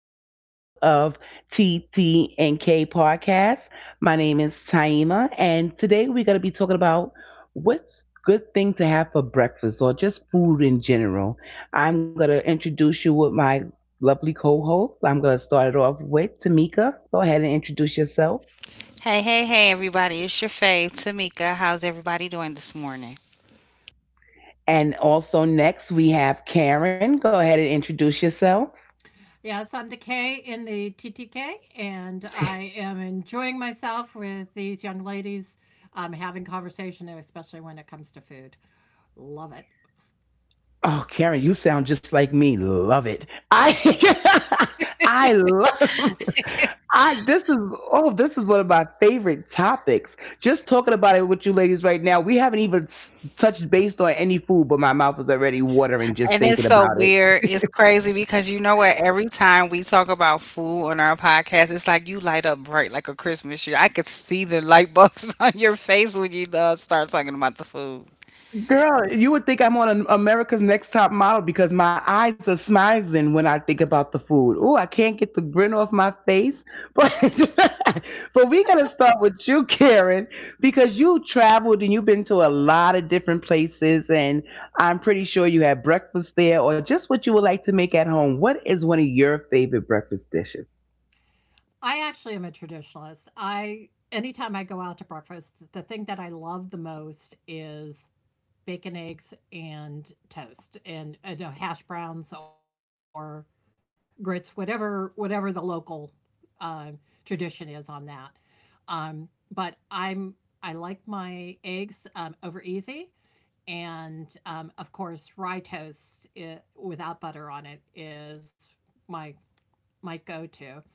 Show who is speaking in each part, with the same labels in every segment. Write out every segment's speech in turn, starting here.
Speaker 1: episode of TT and K Podcast. My name is Taima, and today we're going to be talking about what's good thing to have for breakfast or just food in general. I'm going to introduce you with my lovely co-host. I'm going to start it off with Tamika. Go ahead and introduce yourself. And also next we have Karen. Go ahead and introduce yourself.
Speaker 2: Yes, I'm the K in the TTK, and I am enjoying myself with these young ladies having conversation, especially when it comes to food. Love it.
Speaker 1: Oh, Karen, you sound just like me. Love it. I I love I this is oh, this is one of my favorite topics. Just talking about it with you ladies right now. We haven't even touched based on any food, but my mouth is already watering just thinking about it. Girl, you would think I'm on an America's Next Top Model because my eyes are smizing when I think about the food. Oh, I can't get the grin off my face. But but we're gonna start with you, Karen, because you traveled and you've been to a lot of different places, and I'm pretty sure you had breakfast there or just what you would like to make at home. What is one of your favorite breakfast dishes?
Speaker 2: I actually am a traditionalist. I Anytime I go out to breakfast, the thing that I love the most is bacon, eggs, and toast, and hash browns or grits, whatever the local um, tradition is on that. Um, but I'm I like my eggs over easy, and of course rye toast it without butter on it is my my go-to,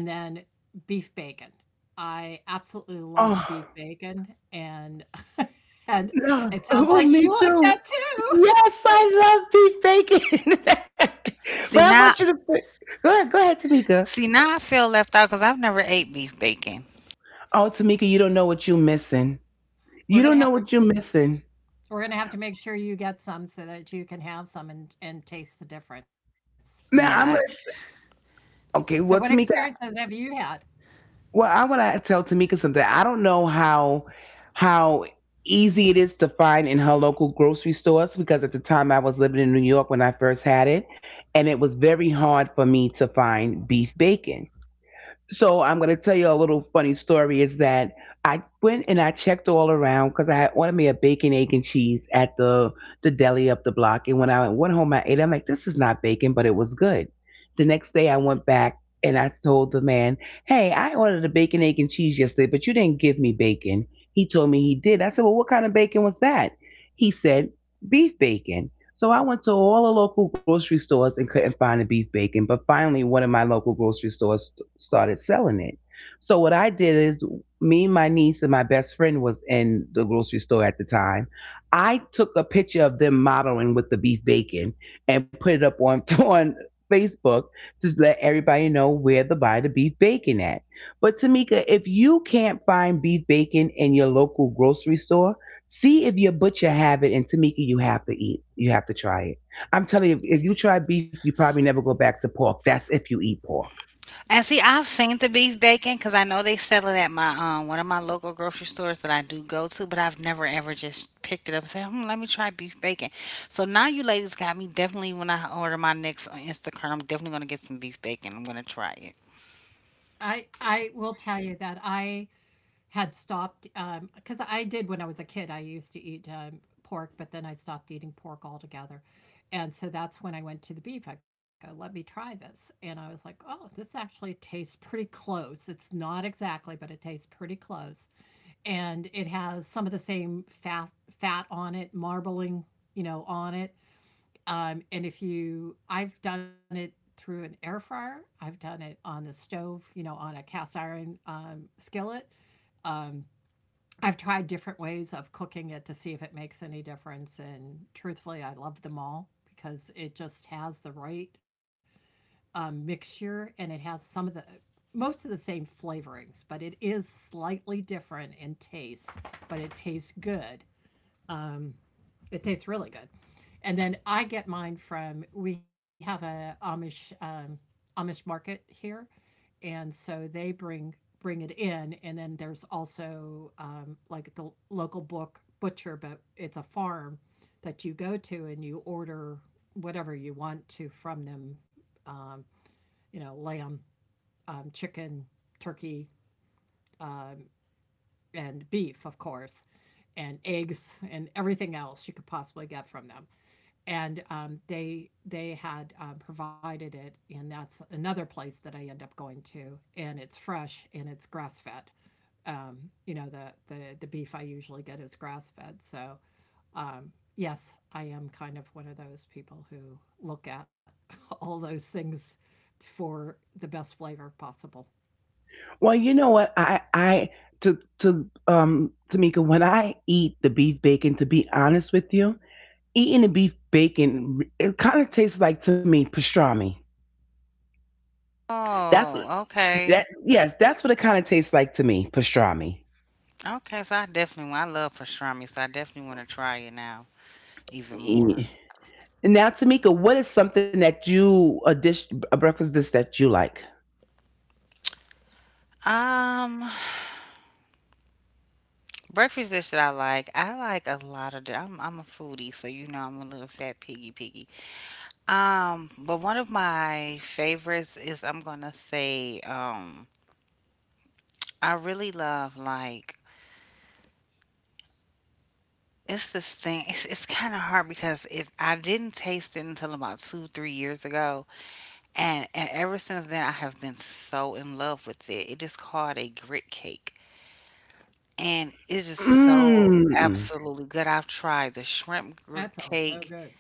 Speaker 2: and then beef bacon. I absolutely love
Speaker 1: Oh.
Speaker 2: beef bacon, and and
Speaker 1: No.
Speaker 2: it sounds
Speaker 1: Oh,
Speaker 2: like
Speaker 1: me
Speaker 2: you like
Speaker 1: too.
Speaker 2: that
Speaker 1: Yes,
Speaker 2: too.
Speaker 1: I love beef bacon. but I want you to put, Go ahead, go ahead, Tamika. Oh, Tamika, you don't know what you're missing. You
Speaker 2: We're
Speaker 1: don't
Speaker 2: gonna
Speaker 1: know
Speaker 2: have
Speaker 1: what
Speaker 2: to
Speaker 1: you're missing.
Speaker 2: we're gonna have to make sure you get some so that you can have some and taste the difference.
Speaker 1: Now I'm gonna.
Speaker 2: So what
Speaker 1: Okay, well,
Speaker 2: experiences
Speaker 1: Tamika.
Speaker 2: have you had?
Speaker 1: Well, I want to tell Tamika something. I don't know how easy it is to find in her local grocery stores because at the time I was living in New York when I first had it, and it was very hard for me to find beef bacon. So I'm going to tell you a little funny story is that I went and I checked all around because I had ordered me a bacon, egg, and cheese at the deli up the block. And when I went home, I ate it. I'm like, this is not bacon, but it was good. The next day, I went back and I told the man, hey, I ordered a bacon, egg, and cheese yesterday, but you didn't give me bacon. He told me he did. I said, well, what kind of bacon was that? He said, beef bacon. So I went to all the local grocery stores and couldn't find the beef bacon, but finally one of my local grocery stores started selling it. So what I did is me, my niece, and my best friend was in the grocery store at the time. I took a picture of them modeling with the beef bacon and put it up on on Facebook to let everybody know where to buy the beef bacon at. But Tamika, if you can't find beef bacon in your local grocery store, see if your butcher have it, and Tamika, you have to eat. You have to try it. I'm telling you, if you try beef, you probably never go back to pork. That's if you eat pork.
Speaker 2: I will tell you that I had stopped because I did when I was a kid. I used to eat pork, but then I stopped eating pork altogether. And so that's when I went to the beef. I go, let me try this. And I was like, oh, this actually tastes pretty close. It's not exactly, but it tastes pretty close. And it has some of the same fat on it, marbling, you know, on it. And if you, I've done it through an air fryer, I've done it on the stove, you know, on a cast iron skillet. Um, I've tried different ways of cooking it to see if it makes any difference. And truthfully, I love them all because it just has the right mixture, and it has some of the most of the same flavorings, but it is slightly different in taste, but it tastes good. Um, it tastes really good. And then I get mine from — we have a Amish Amish market here, and so they bring it in. And then there's also like the local book butcher, but it's a farm that you go to and you order whatever you want to from them. Um, you know, lamb, chicken, turkey, uh, and beef, of course, and eggs and everything else you could possibly get from them. And they had provided it, and that's another place that I end up going to, and it's fresh and it's grass fed. Um, you know, the beef I usually get is grass fed, so um, yes, I am kind of one of those people who look at all those things for the best flavor possible.
Speaker 1: Well, you know what? Tamika, when I eat the beef bacon, to be honest with you, eating the beef bacon, it kind of tastes like to me pastrami. That's that. Yes, that's what it kind of tastes like to me, pastrami. Yeah. Now, Tamika, what is something that a breakfast dish that you like? Mm.
Speaker 2: That sounds so good.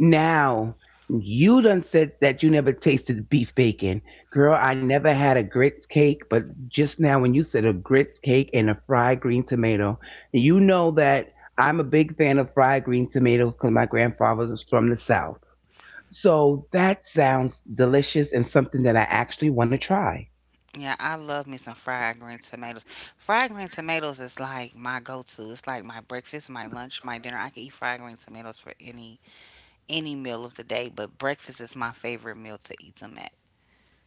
Speaker 1: Now, you done said that you never tasted beef bacon. Girl, I never had a grits cake, but just now when you said a grits cake and a fried green tomato, you know that I'm a big fan of fried green tomatoes because my grandfather was from the South. So that sounds delicious and something that I actually want to try.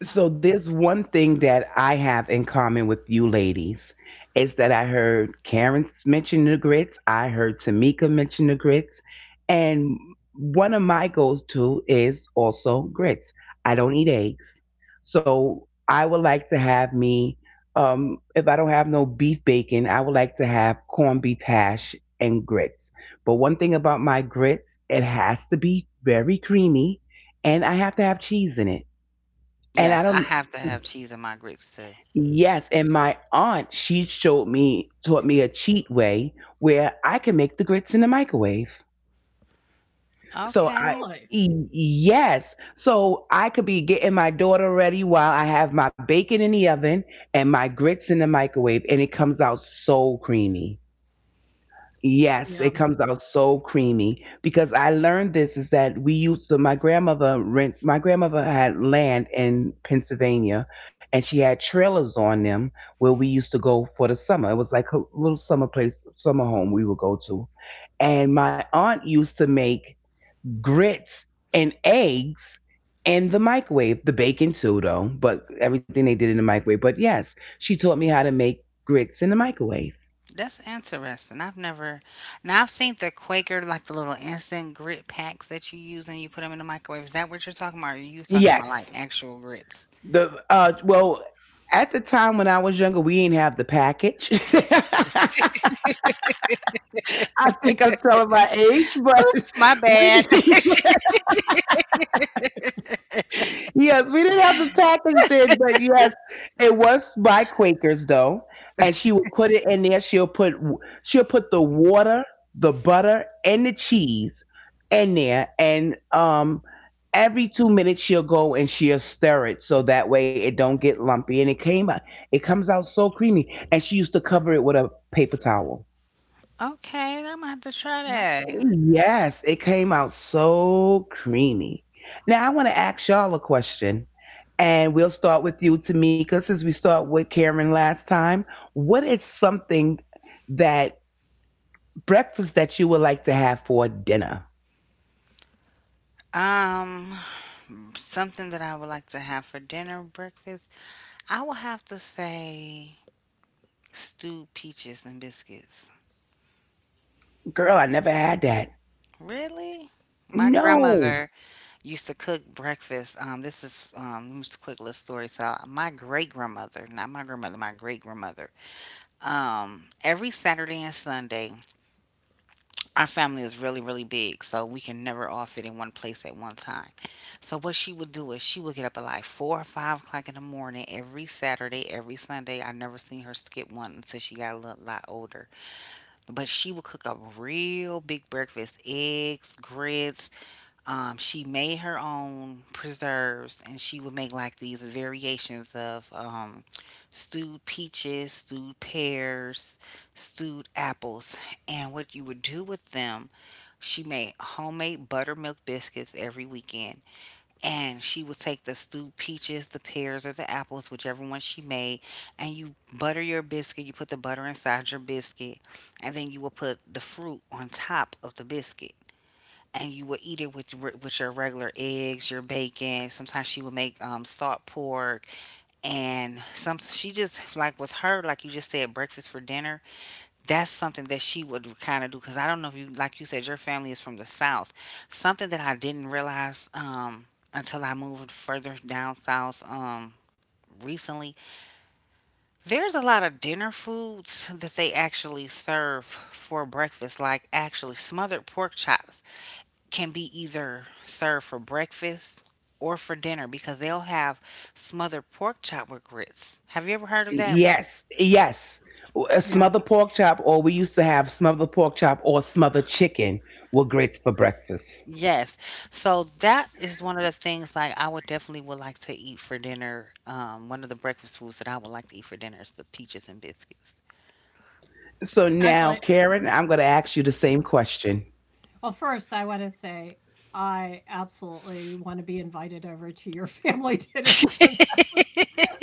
Speaker 2: Uh,
Speaker 1: So there's one thing that I have in common with you ladies is that I heard Karen mention the grits, I heard Tamika mention the grits, and one of my goals too is also grits. I don't eat eggs, so I would like to have me. If I don't have no beef bacon, I would like to have corned beef hash and grits. But one thing about my grits, it has to be very creamy, and I have to have cheese in it. And I don't. Yes, and my aunt, she showed me, taught
Speaker 2: yeah,
Speaker 1: me a cheat way where I can make the grits in the microwave. So I,
Speaker 2: really.
Speaker 1: yes, so I could be getting my daughter ready while I have my bacon in the oven and my grits in the microwave, and it comes out so creamy. Yes,
Speaker 2: Yeah,
Speaker 1: it comes out so creamy because I learned this is that we used to my grandmother rent my grandmother had land in Pennsylvania and she had trailers on them where we used to go for the summer. It was like a little summer place, summer home we would go to. And my aunt used to make grits and eggs in the microwave. The bacon too though, but everything they did in the microwave. But yes, she taught me how to make grits in the microwave. Yes. The well, at the time when I was younger, we didn't have the package. I think I'm telling my age, but we didn't. Yes, we didn't have the package then, but yes, it was by Quakers though, and she would put it in there. She'll put the water, the butter, and the cheese in there, and every 2 minutes she'll go and she'll stir it so that way it don't get lumpy, and it came out, it comes out so creamy. And she used to cover it with a paper towel.
Speaker 2: yeah,
Speaker 1: Yes, it came out so creamy. Now I want to ask y'all a question. And we'll start with you, Tamika, since we start with Karen last time. What is something that breakfast that you would like to have for dinner? Girl, I never had that. No. Yes. Yes. A
Speaker 2: yeah.
Speaker 1: smother pork chop, or we used to have smothered pork chop or smothered chicken were grits for breakfast. So now,
Speaker 2: Actually,
Speaker 1: Karen, I'm going to ask you the same question.
Speaker 2: well, first, I wanna say I absolutely wanna be invited over to your family dinners, 'cause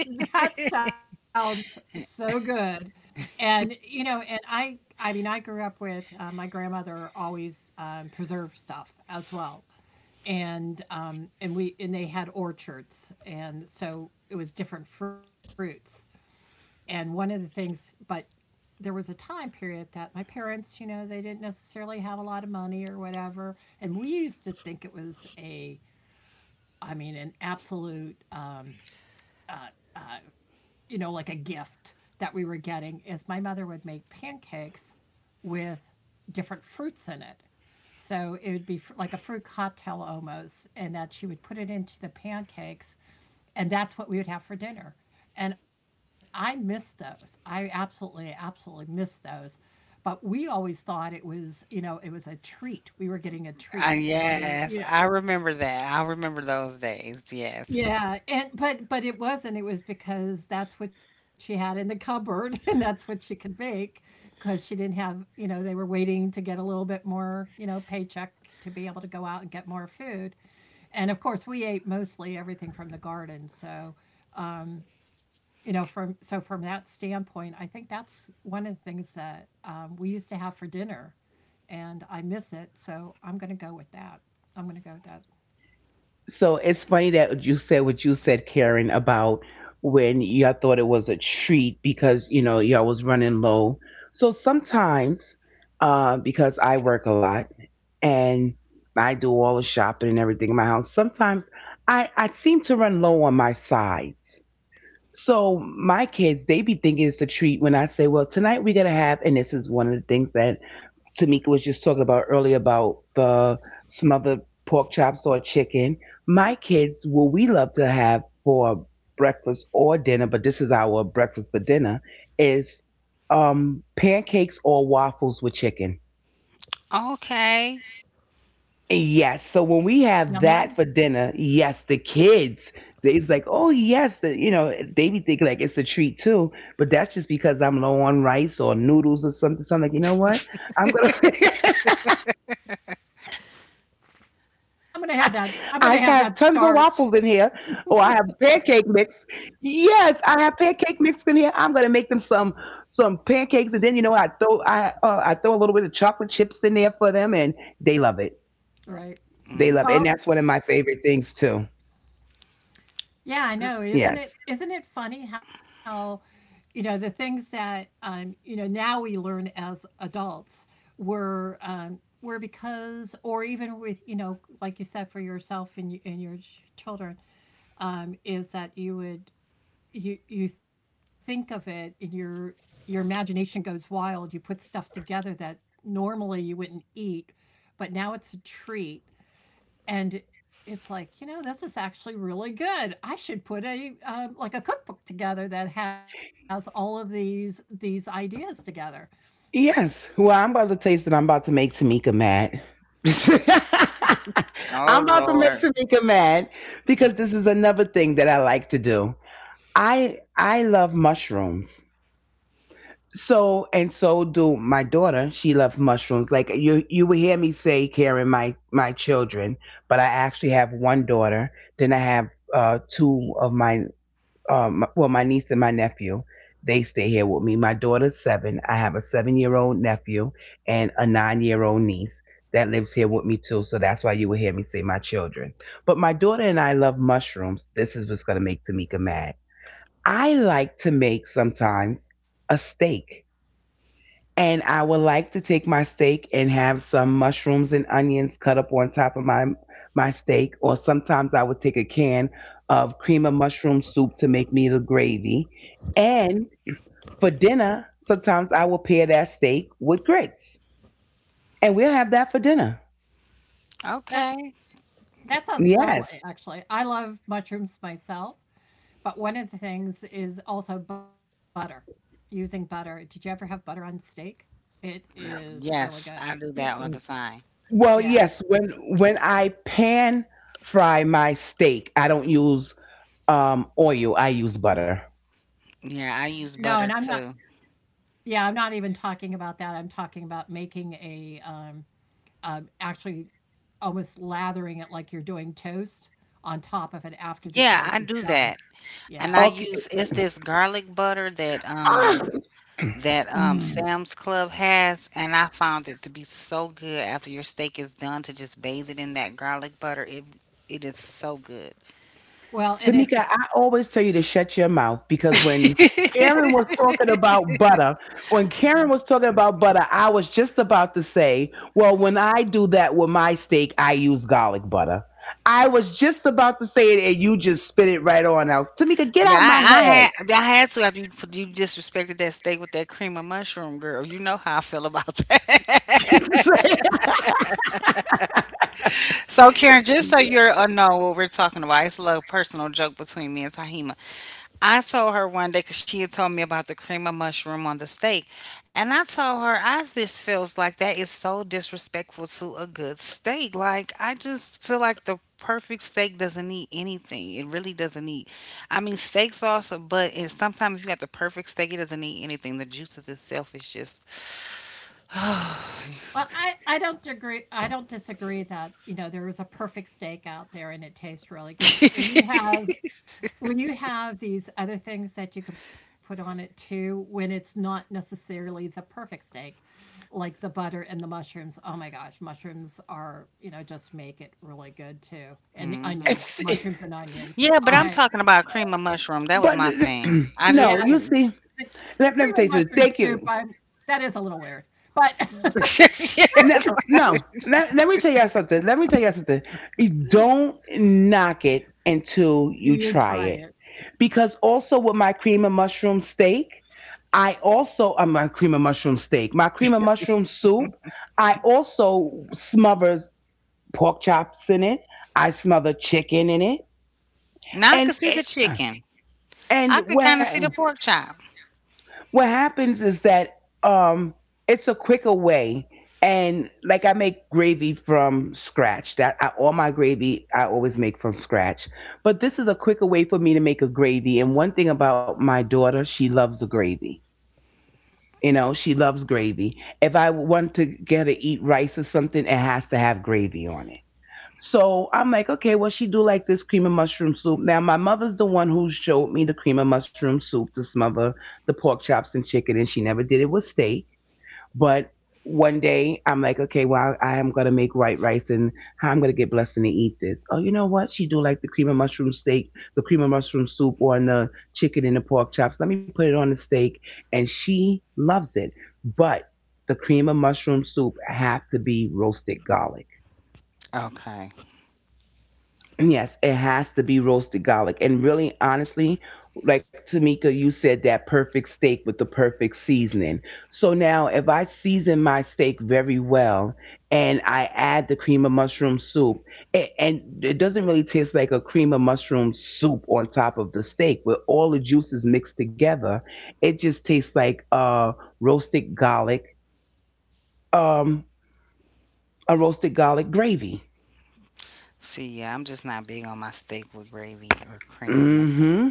Speaker 2: that sounds so good. And, you know, and I mean, I grew up with, my grandmother always, preserved stuff as well, and we and they had orchards, and so it was different fruits, and one of the things — but there was a time period that my parents, you know, they didn't necessarily have a lot of money or whatever. And we used to think it was I mean, an absolute, uh, you know, like a gift that we were getting, is my mother would make pancakes with different fruits in it. So it would be like a fruit cocktail almost, and that she would put it into the pancakes, and that's what we would have for dinner. And I miss those. I absolutely, absolutely miss those. But we always thought it was, you know, it was a treat. We were getting a treat that my mother, yeah, yeah. And but it wasn't. It was because that's what she had in the cupboard, and that's what she could make because she didn't have, you know, they were waiting to get a little bit more, you know, paycheck to be able to go out and get more food. And of course we ate mostly everything from the garden, so um you know, from that standpoint, I think that's one of the things that we used to have for dinner, and I miss it. So I'm going to go with that. I'm going to go with that.
Speaker 1: So it's funny that you said what you said, Karen, about when y'all thought it was a treat because you know y'all was running low. So sometimes, because I work a lot and I do all the shopping and everything in my house, sometimes I seem to run low on my sides. So my kids, they be thinking it's a treat when I say, "Well, tonight we're gonna have," and this is one of the things that Tamika was just talking about earlier about the smothered pork chops or chicken. My kids, what we love to have for breakfast or dinner, but this is our breakfast for dinner, is pancakes or waffles with chicken. Yes. So when we have
Speaker 2: Yum,
Speaker 1: that
Speaker 2: yum.
Speaker 1: for dinner, yes, the kids, it's like, oh yes, they be thinking like it's a treat too. But that's just because I'm low on rice or noodles or something. So I'm like, you know what? I'm gonna I have tons of waffles in here,
Speaker 2: I'm going to have
Speaker 1: or
Speaker 2: that.
Speaker 1: I have
Speaker 2: I'm going to have that
Speaker 1: pancake mix.
Speaker 2: starch.
Speaker 1: Yes, I have pancake mix in here. I'm gonna make them some pancakes, and then I throw a little bit of chocolate chips in there for them, and they love it. They love
Speaker 2: Right.
Speaker 1: it. And that's one of my
Speaker 2: Well,
Speaker 1: favorite things too.
Speaker 2: yeah, I
Speaker 1: Yes.
Speaker 2: know. Isn't it — funny how, you know, the things that you know, now we learn as adults were um were because, or even with, you know, like you said for yourself and you, and your children, is that you would — you think of it, and your imagination goes wild. You put stuff together that normally you wouldn't eat, but now it's a treat. And it's like, you know, this is actually really good. I should put a like a cookbook together that has all of these ideas together.
Speaker 1: Yes. Well, I'm about to taste it. I'm about to make Tamika mad. I'm about to make Tamika mad because this is another thing that I like to do. I love mushrooms. So and so do my daughter. She loves mushrooms. Like you would hear me say, Karen, my children, but I actually have one daughter. Then I have two of my well, my niece and my nephew, they stay here with me. My daughter's 7. I have a 7-year old nephew and a 9-year old niece that lives here with me too. So that's why you will hear me say my children. But my daughter and I love mushrooms. This is what's going to make Tamika mad. I like to make sometimes a steak. And I would like to take my steak and have some mushrooms and onions cut up on top of my steak. Or sometimes I would take a can of cream of mushroom soup to make me the gravy. And for dinner, sometimes I will pair that steak with grits. And we'll have that for dinner.
Speaker 2: That that sounds lovely.
Speaker 1: Yes.
Speaker 2: Actually, I love mushrooms myself. But one of the things is also butter. Using butter, did you ever have butter on steak? It is really good.
Speaker 1: Well,
Speaker 2: Yeah.
Speaker 1: yes, when I pan fry my steak, I don't use oil, I use butter.
Speaker 2: No, and I'm not — yeah, I'm not even talking about that. I'm talking about making a actually almost lathering it like you're doing toast on top of it after the steak is done. Yeah.
Speaker 1: Okay.
Speaker 2: Mm. Well, and it's
Speaker 1: Tamika,
Speaker 2: ex
Speaker 1: I always tell you to shut your mouth because when Karen was talking about butter, I was just about to say, well, when I do that with my steak, I use garlic butter. I was just about to say it and you just spit it right on out. Tamika, get out my head.
Speaker 2: well, I don't agree — I don't disagree that, you know, there is a perfect steak out there and it tastes really good, but when you have — when you have these other things that you can put on it too, when it's not necessarily the perfect steak, like the butter and the mushrooms, oh my gosh, mushrooms are, you know, just make it really good too. And the
Speaker 1: It's-
Speaker 2: onions, mushrooms and onions. I
Speaker 1: but No, you
Speaker 2: Yeah,
Speaker 1: see,
Speaker 2: the
Speaker 1: let me
Speaker 2: cream
Speaker 1: tell you
Speaker 2: and
Speaker 1: something.
Speaker 2: mushroom
Speaker 1: Thank
Speaker 2: soup,
Speaker 1: you.
Speaker 2: I'm that is a little weird, but
Speaker 1: No, no. Let me tell y'all something. Don't knock it until you
Speaker 2: you —
Speaker 1: try
Speaker 2: you
Speaker 1: it.
Speaker 2: try it.
Speaker 1: Because also with my cream and mushroom steak, I also my cream and mushroom soup. I also smother pork chops in it. I smother chicken in it, and it, and what? What happens is that it's a quicker way, and like I make gravy from scratch. All my gravy I always make from scratch, but this is a quicker way for me to make a gravy. And one thing about my daughter, she loves the gravy. You know she loves gravy. If I want to get her to eat rice or something, it has to have gravy on it. So I'm like, okay, well, she do like this cream and mushroom soup. Now my mother's the one who showed me the cream and mushroom soup, to smother the pork chops and chicken, and she never did it with steak. But one day I'm like, okay, well, I am gonna make white rice, and how I'm gonna get blessed and eat this. Oh, you know what? She do like the cream and mushroom steak, the cream and mushroom soup on the chicken and the pork chops. Let me put it on the steak, and she loves it. But the cream and mushroom soup have to be roasted garlic. Yes, it has to be roasted garlic. And really, honestly, like Tamika, you said that perfect steak with the perfect seasoning. So now, if I season my steak very well and I add the cream of mushroom soup, and it doesn't really taste like a cream of mushroom soup on top of the steak. With all the juices mixed together, it just tastes like roasted garlic, um, a roasted garlic gravy. Mm hmm.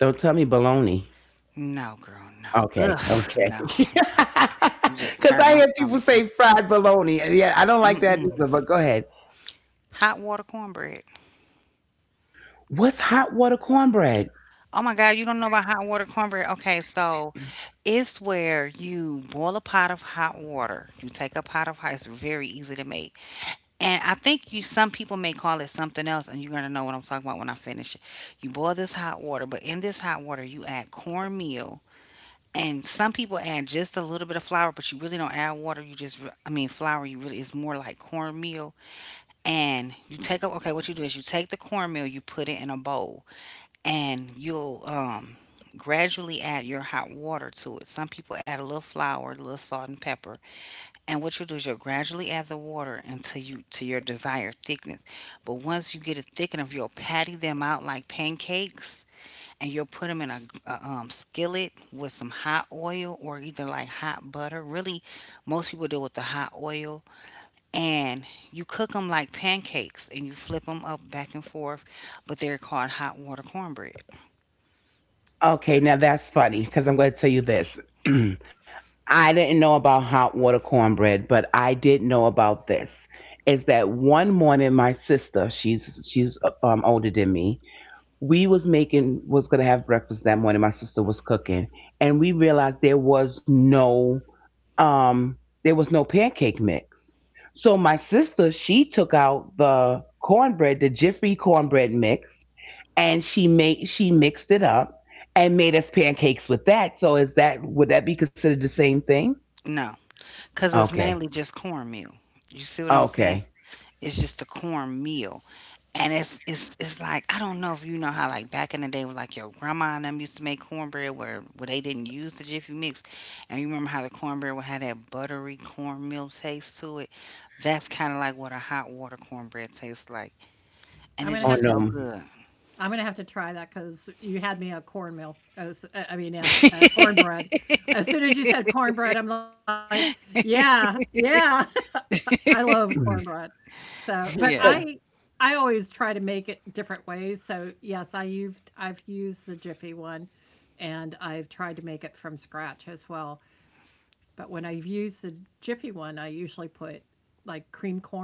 Speaker 1: Don't tell me bologna. Okay, okay. Because I hear people say fried bologna, yeah, I don't like that either, but go ahead. What's hot water cornbread? Okay, now that's funny. Because 'cause I'm going to tell you this. I didn't know about hot water cornbread, but I did know about this. Is that one morning my sister, she's older than me. We was gonna have breakfast that morning. My sister was cooking, and we realized there was no um pancake mix. So my sister, she took out the cornbread, the Jiffy cornbread mix, and she mixed it up and made us pancakes with that. So is that would that be considered the same thing? Okay, okay.
Speaker 2: I'm gonna
Speaker 1: Oh
Speaker 2: have to
Speaker 1: no.
Speaker 2: I'm gonna have to try that because you had me at cornmeal. As I mean, at cornbread. As soon as you said cornbread, I'm like, yeah, yeah. I love cornbread. So, I always try to make it different ways. So yes, I've used the Jiffy one, and I've tried to make it from scratch as well. But when I've used the Jiffy one, I usually put like cream corn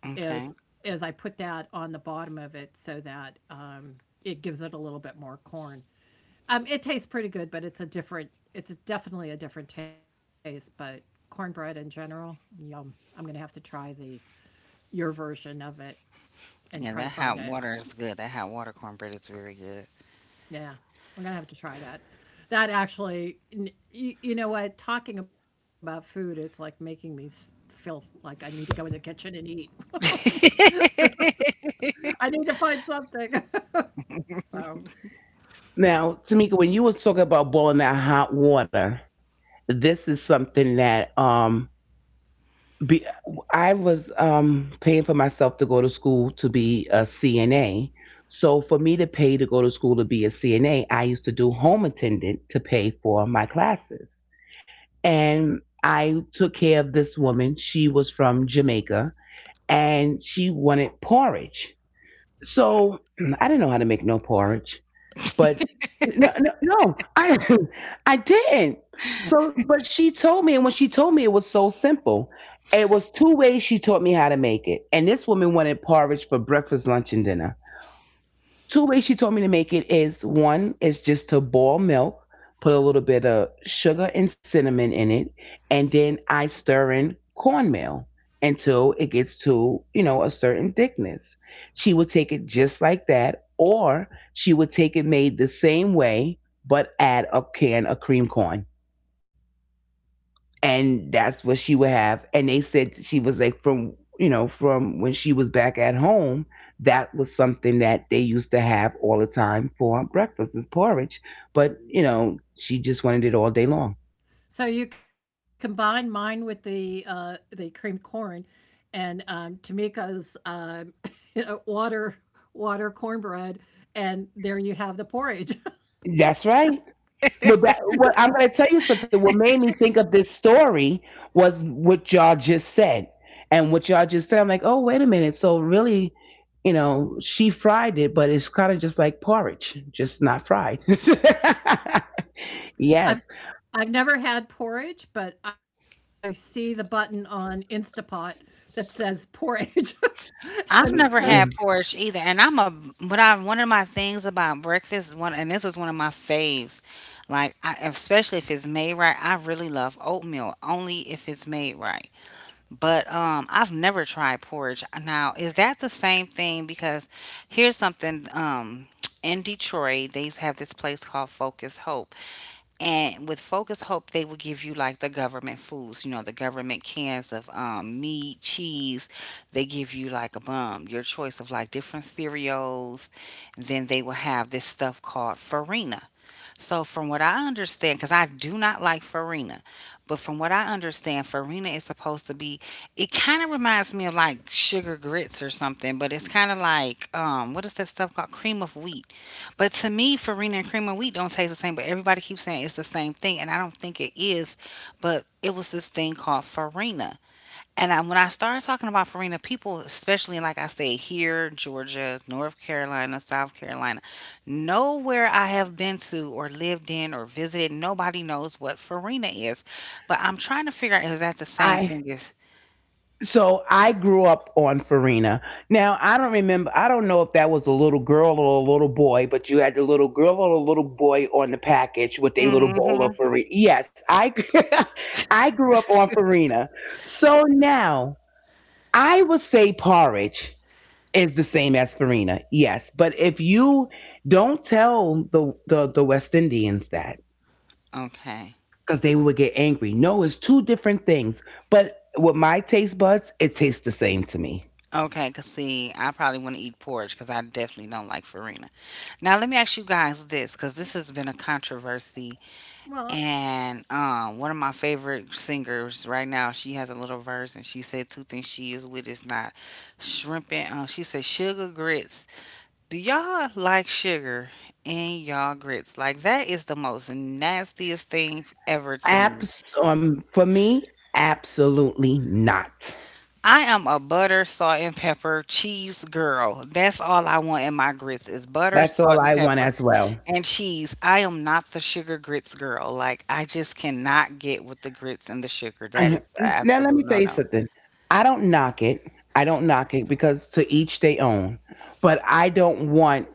Speaker 2: is is — I put that on the bottom of it so that it gives it a little bit more corn. It tastes pretty good, but it's a different — it's definitely a different taste. But cornbread in general, yum. I'm gonna have to try the your version of it and try to find it. Yeah, I'm gonna have to try that. You, you know what? Talking about food, it's like making me feel like I need to go in the kitchen and eat. I need to find something. So.
Speaker 1: Now, Tamika, when you was talking about boiling that hot water, this is something that be, I was paying for myself to go to school to be a CNA. So for me to pay to go to school to be a CNA, I used to do home attendant to pay for my classes. And I took care of this woman. She was from Jamaica and she wanted porridge. So I didn't know how to make no porridge. But no, no, no, I, I didn't. So, but she told me, and when she told me, it was so simple. It was two ways she taught me how to make it, and this woman wanted porridge for breakfast, lunch, and dinner. Two ways she told me to make it is: one is just to boil milk, put a little bit of sugar and cinnamon in it, and then I stir in cornmeal until it gets to, you know, a certain thickness. She would take it just like that, or she would take it made the same way but add a can of cream corn, and that's what she would have. And they said she was like from, you know, from when she was back at home, that was something that they used to have all the time for breakfast is porridge. But you know she just wanted it all day long.
Speaker 2: So you combine mine with the creamed corn, and Tamika's water water cornbread, and there you have the porridge.
Speaker 1: That's right. Well, what I'm going to tell you something. What made me think of this story was what y'all just said, and what y'all just said. I'm like, oh, wait a minute. So really, you know, she fried it, but it's kind of just like porridge, just not fried.
Speaker 2: I've
Speaker 1: Yes,
Speaker 2: I've never had porridge, but I see the button on Instapot that says porridge, and so
Speaker 1: I so I grew up on Farina. Now I don't remember. I don't know if that was a little girl or a little boy, but you had the little girl or the little boy on the package with a little bowl of Farina. Yes, I I grew up on Farina. So now I would say porridge is the same as Farina. Yes, but if you don't tell the West Indians that, because they would get angry. No, it's two different things. But with my taste buds, it tastes the same to me.
Speaker 2: well,
Speaker 1: For me, absolutely not. That's all I want as well. I- Now, let me tell you something. I don't knock it. I don't knock it because to each they own. But I don't want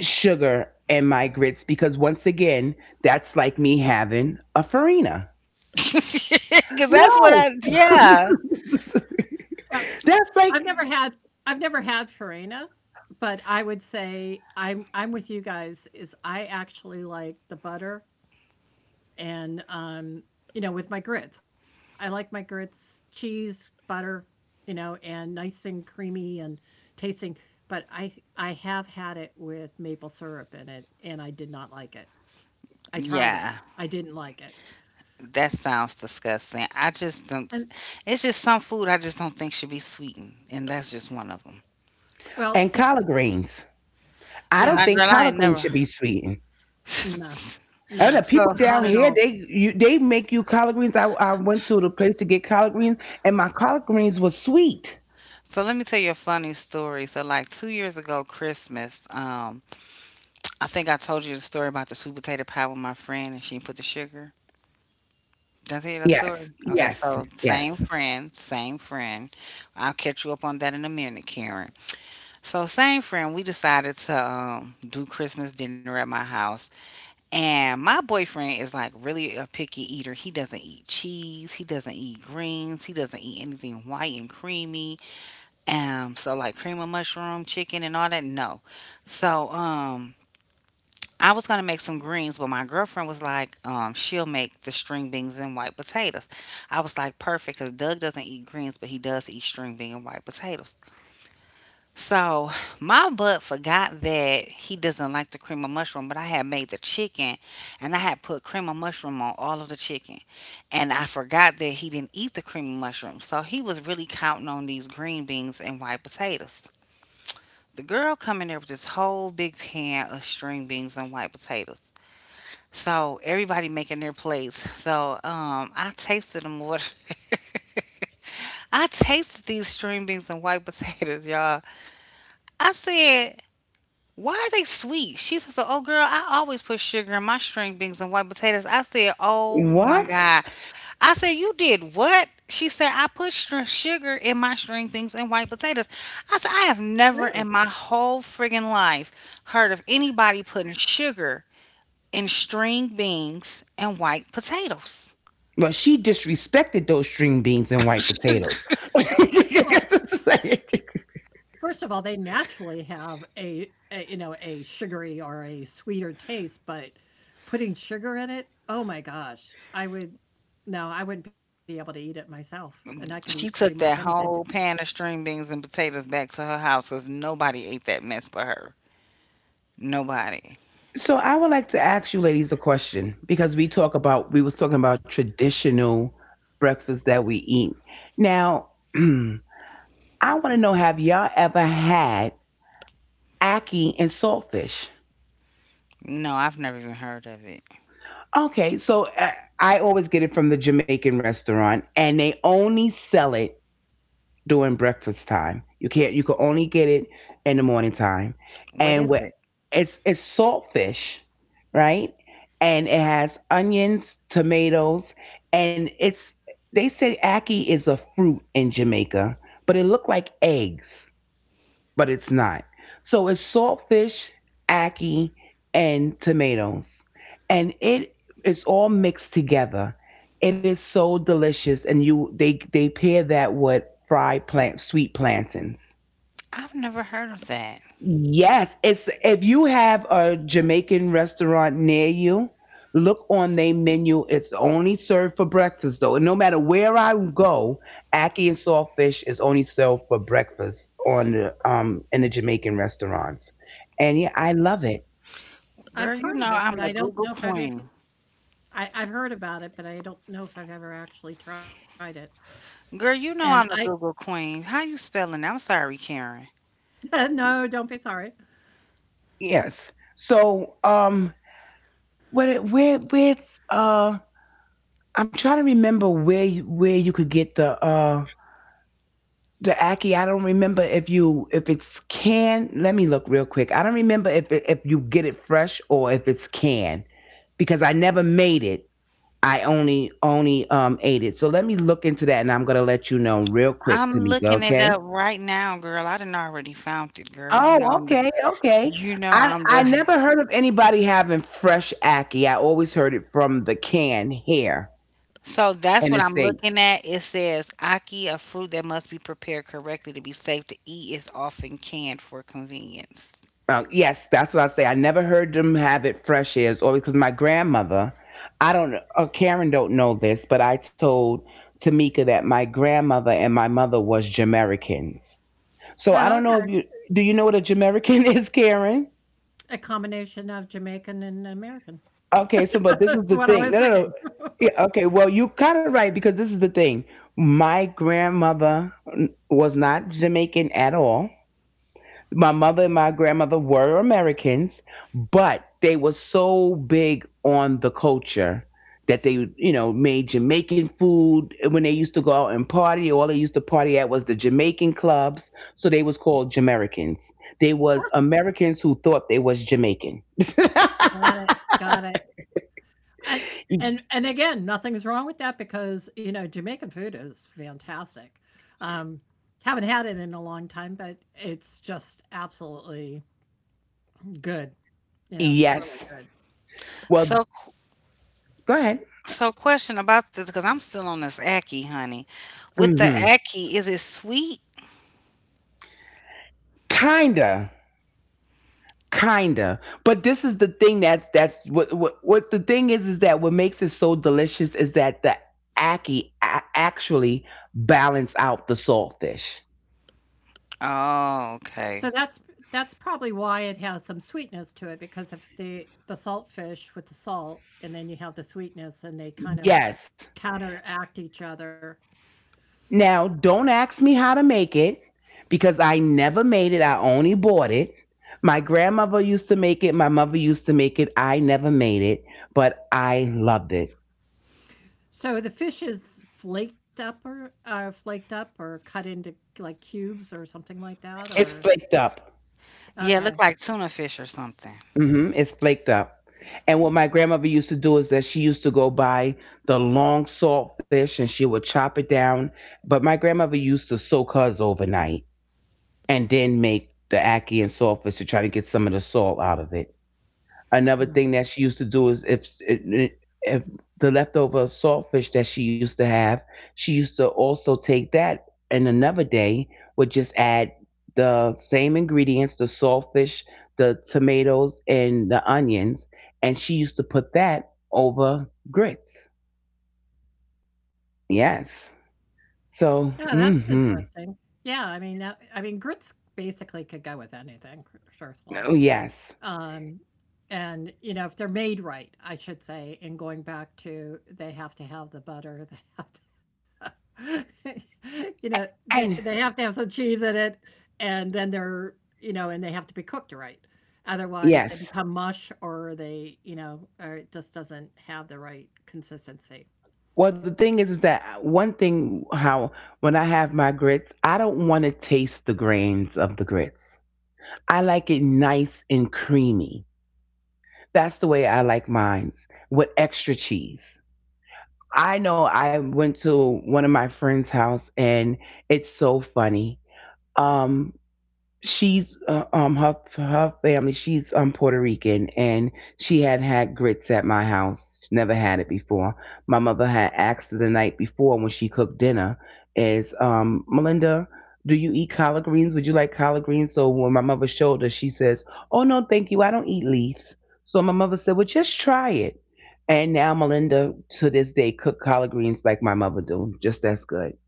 Speaker 1: sugar in my grits because, once again, that's like me having a farina. No, that's
Speaker 2: well, I've never
Speaker 1: like,
Speaker 2: had I've never had farina, but I would say I'm with you guys. Is I actually like the butter and you know, with my grits, I like my grits cheese, butter, you know, and nice and creamy and tasting. But I have had it with maple syrup in it, and I did not like it. I tried it. I didn't like it. And
Speaker 1: and
Speaker 2: well,
Speaker 1: collard greens. I don't
Speaker 2: yeah,
Speaker 1: think collard greens should be sweetened.
Speaker 2: no,
Speaker 1: I don't know.
Speaker 2: no,
Speaker 1: People down
Speaker 2: not at
Speaker 1: here,
Speaker 2: all.
Speaker 1: they make you collard greens. I went to the place to get collard greens, and my collard greens was sweet. Yes, yes, yes. What?
Speaker 2: Ew.
Speaker 1: Well, she disrespected those string beans and white potatoes.
Speaker 2: First of all, they naturally have a, you know, a sugary or a sweeter taste, but putting sugar in it, oh my gosh, I would — no, I wouldn't be able to eat it myself, and I could eat pretty much anything.
Speaker 1: So I would like to ask you ladies a question because we was talking about traditional breakfast that we eat. Now, I want to know: have y'all ever had ackee and saltfish? Okay, so I always get it from the Jamaican restaurant, and they only sell it during breakfast time. You can't. You can only get it in the morning time, and what it's saltfish, right? And it has onions, tomatoes, and it's. They say ackee is a fruit in Jamaica, but it looked like eggs, but it's not. So it's saltfish, ackee, and tomatoes. And it is all mixed together. It is so delicious, and you they pair that with fried plant sweet plantains. Yes, it's, if you have a Jamaican restaurant near you, look on their menu. It's only served for breakfast though. And no matter where I go, ackee and saltfish is only served for breakfast on the in the Jamaican restaurants. And yeah, I love it.
Speaker 2: I've heard of it, but I don't know if I've ever — I've heard about it, but I don't know if I've ever actually tried it. And I no, don't be sorry.
Speaker 1: Yes. So where it's I'm trying to remember where where you could get the Aki. I don't remember if you if it's can. Let me look real quick. I don't remember if you get it fresh or if it's can, because I never made it. I only ate it. So let me look into that, and I'm gonna let you know real quick, Tamika. Okay. Oh, okay, okay. I never heard of anybody having fresh Aki. I always heard it from the can here in the states. Oh, yes, that's what I say. I never heard them have it fresh ears, or because my grandmother, I don't, Karen don't know this, but I told Tamika that my grandmother and my mother was Jamaicans. So I
Speaker 2: Oh,
Speaker 1: don't know if
Speaker 2: okay.
Speaker 1: you, do you know what a Jamaican is, Karen?
Speaker 2: A combination of Jamaican and American.
Speaker 1: Okay, so but this is
Speaker 2: That's
Speaker 1: the
Speaker 2: what I
Speaker 1: thing. No,
Speaker 2: was
Speaker 1: no, no.
Speaker 2: thinking.
Speaker 1: Yeah, okay, well, you kind of right because this is the thing. My grandmother was not Jamaican at all. My mother and my grandmother were Americans, but they were so big on the culture that they, you know, made Jamaican food. When they used to go out and party, all they used to party at was the Jamaican clubs. So they was called Jamaicans. They was Americans who thought they was Jamaican.
Speaker 2: Got it, got it. And and again, nothing's wrong with that because, you know, Jamaican food is fantastic. Um, haven't had it in a long time, but it's just absolutely good. You know, it's really
Speaker 1: Yes.
Speaker 2: good.
Speaker 1: Well, go ahead. Hmm. Kinda. But this is the thing, that's what the thing is that what makes it so delicious is that the actually balance out the saltfish.
Speaker 2: So that's — that's probably why it has some sweetness to it, because if the — the salt fish with the salt, and then you have the sweetness, and they kind of
Speaker 1: Yes.
Speaker 2: counteract each other.
Speaker 1: Now don't ask me how to make it because I never made it. I only bought it. My grandmother used to make it, my mother used to make it, I never made it, but I loved it.
Speaker 2: So the fish is flaked up, or flaked up or cut into like cubes or something like that,
Speaker 1: It's
Speaker 2: or
Speaker 1: flaked up.
Speaker 2: okay.
Speaker 1: Hmm. It's flaked up. And what my grandmother used to do is that she used to go buy the long salt fish and she would chop it down. But my grandmother used to soak hers overnight and then make the ackee and salt fish to try to get some of the salt out of it. Another
Speaker 2: Hmm.
Speaker 1: thing that she used to do is if the leftover saltfish that she used to have, she used to also take that and another day would just add the same ingredients, the saltfish, the tomatoes, and the onions, and she used to put that over grits. Yes. So,
Speaker 2: Yeah, that's
Speaker 1: mm-hmm.
Speaker 2: interesting. Yeah, I mean, now I mean, grits basically could go with anything, tr truthfully.
Speaker 1: Oh, yes.
Speaker 2: Um, and, you know, if they're made right, I should say, and going back to they have to have the butter, they have to you know, they
Speaker 1: And
Speaker 2: have to have some cheese in it, and then they're, you know, and they have to be cooked right. Otherwise, they
Speaker 1: yes.
Speaker 2: become mush or they, you know, or it just doesn't have the right consistency.
Speaker 1: Well, the thing is that one thing how when I have my grits, I don't want to taste the grains of the grits. I like it nice and creamy. That's the way I like mine with extra cheese. I know I went to one of my friend's house and it's so funny. Um, she's um, her her family, she's um, Puerto Rican, and she had had grits at my house. She never had it before. My mother had asked her the night before when she cooked dinner, is um, Melinda, do you eat collard greens? Would you like collard greens? So when my mother showed her, she says, oh, no thank you, I don't eat leaves. So my mother said, well, just try it. And now Melinda to this day cook collard greens like my mother do, just as good.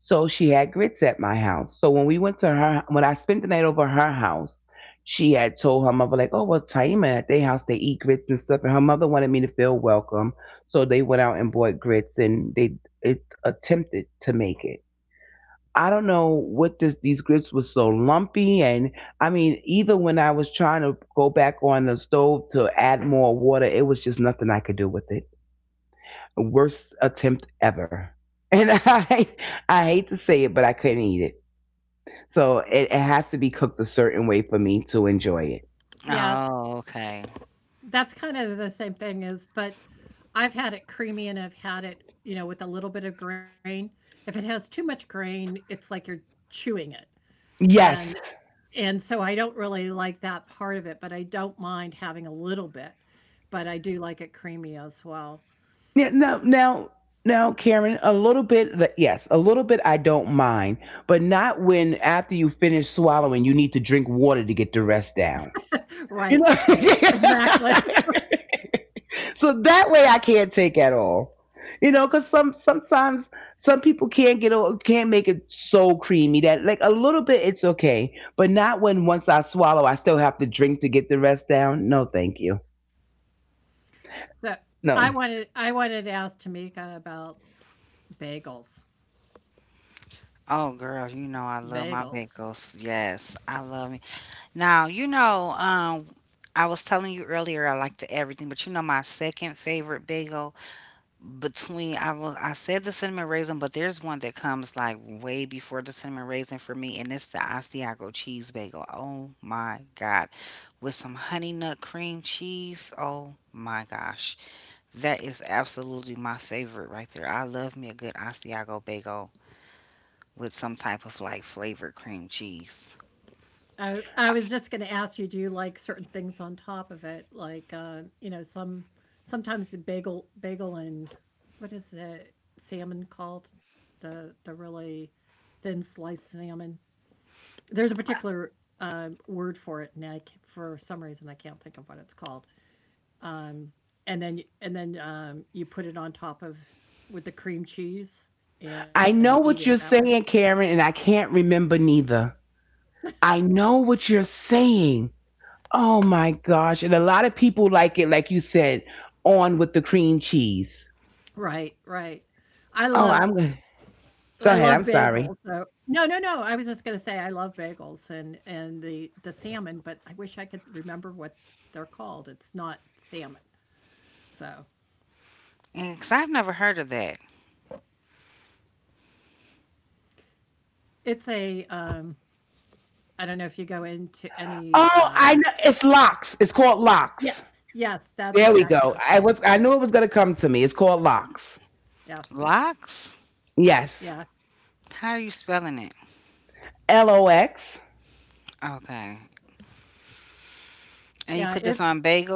Speaker 1: So she had grits at my house. So when we went to her, when I spent the night over her house, she had told her mother like, "Oh well, Taima at their house they eat grits and stuff," and her mother wanted me to feel welcome, so they went out and bought grits and they it attempted to make it. I don't know what this these grits were so lumpy, and I mean, even when I was trying to go back on the stove to add more water, it was just nothing I could do with it. Worst attempt ever. And I I hate to say it, but I couldn't eat it. So it has to be cooked a certain way for me to enjoy it.
Speaker 2: Yeah, that's kind of the same thing as, but I've had it creamy and I've had it, you know, with a little bit of grain. If it has too much grain, it's like you're chewing it. And
Speaker 1: Yes.
Speaker 2: and so I don't really like that part of it, but I don't mind having a little bit. But I do like it creamy as well.
Speaker 1: Yeah, Now, Karen, a little bit, yes, a little bit I don't mind, but not when after you finish swallowing, you need to drink water to get the rest down. You know?
Speaker 2: Right, right. Exactly.
Speaker 1: So that way I can't take at all. You know, because sometimes some people can't get can't make it so creamy that like a little bit it's okay, but not when once I swallow I still have to drink to get the rest down. No, thank you.
Speaker 2: So I
Speaker 1: No,
Speaker 2: wanted I wanted to ask Tamika about bagels. Bagels. I was just going to ask you, do you like certain things on top of it? Like, you know, some sometimes the bagel and what is the salmon called? The really thin sliced salmon. There's a particular word for it, and for some reason I can't think of what it's called. Um, and and then you put it on top of with the cream cheese, and you
Speaker 1: I
Speaker 2: eat it
Speaker 1: know
Speaker 2: that
Speaker 1: what
Speaker 2: way.
Speaker 1: you're saying, Karen, and I can't remember neither. I know what you're saying. Oh my gosh! And a lot of people like it, like you said, on with the cream cheese.
Speaker 2: Right, right. I
Speaker 1: Oh,
Speaker 2: love
Speaker 1: I'm gonna
Speaker 2: I love
Speaker 1: go ahead. I'm
Speaker 2: bagels,
Speaker 1: sorry.
Speaker 2: so no, no, no, I was just gonna say I love bagels and the salmon, but I wish I could remember what they're called. It's not salmon. So, it's a, I don't know if you go into
Speaker 1: Oh,
Speaker 2: any,
Speaker 1: I know. It's locks. It's called locks.
Speaker 2: yes,
Speaker 1: There
Speaker 2: yes,
Speaker 1: we
Speaker 2: that's
Speaker 1: go. I
Speaker 2: exactly
Speaker 1: was.
Speaker 2: what
Speaker 1: I
Speaker 2: it's
Speaker 1: knew
Speaker 2: called.
Speaker 1: it was gonna come to me. It's called locks.
Speaker 2: Yes.
Speaker 1: Yes.
Speaker 2: Yeah.
Speaker 1: Lox.
Speaker 2: Yeah, it's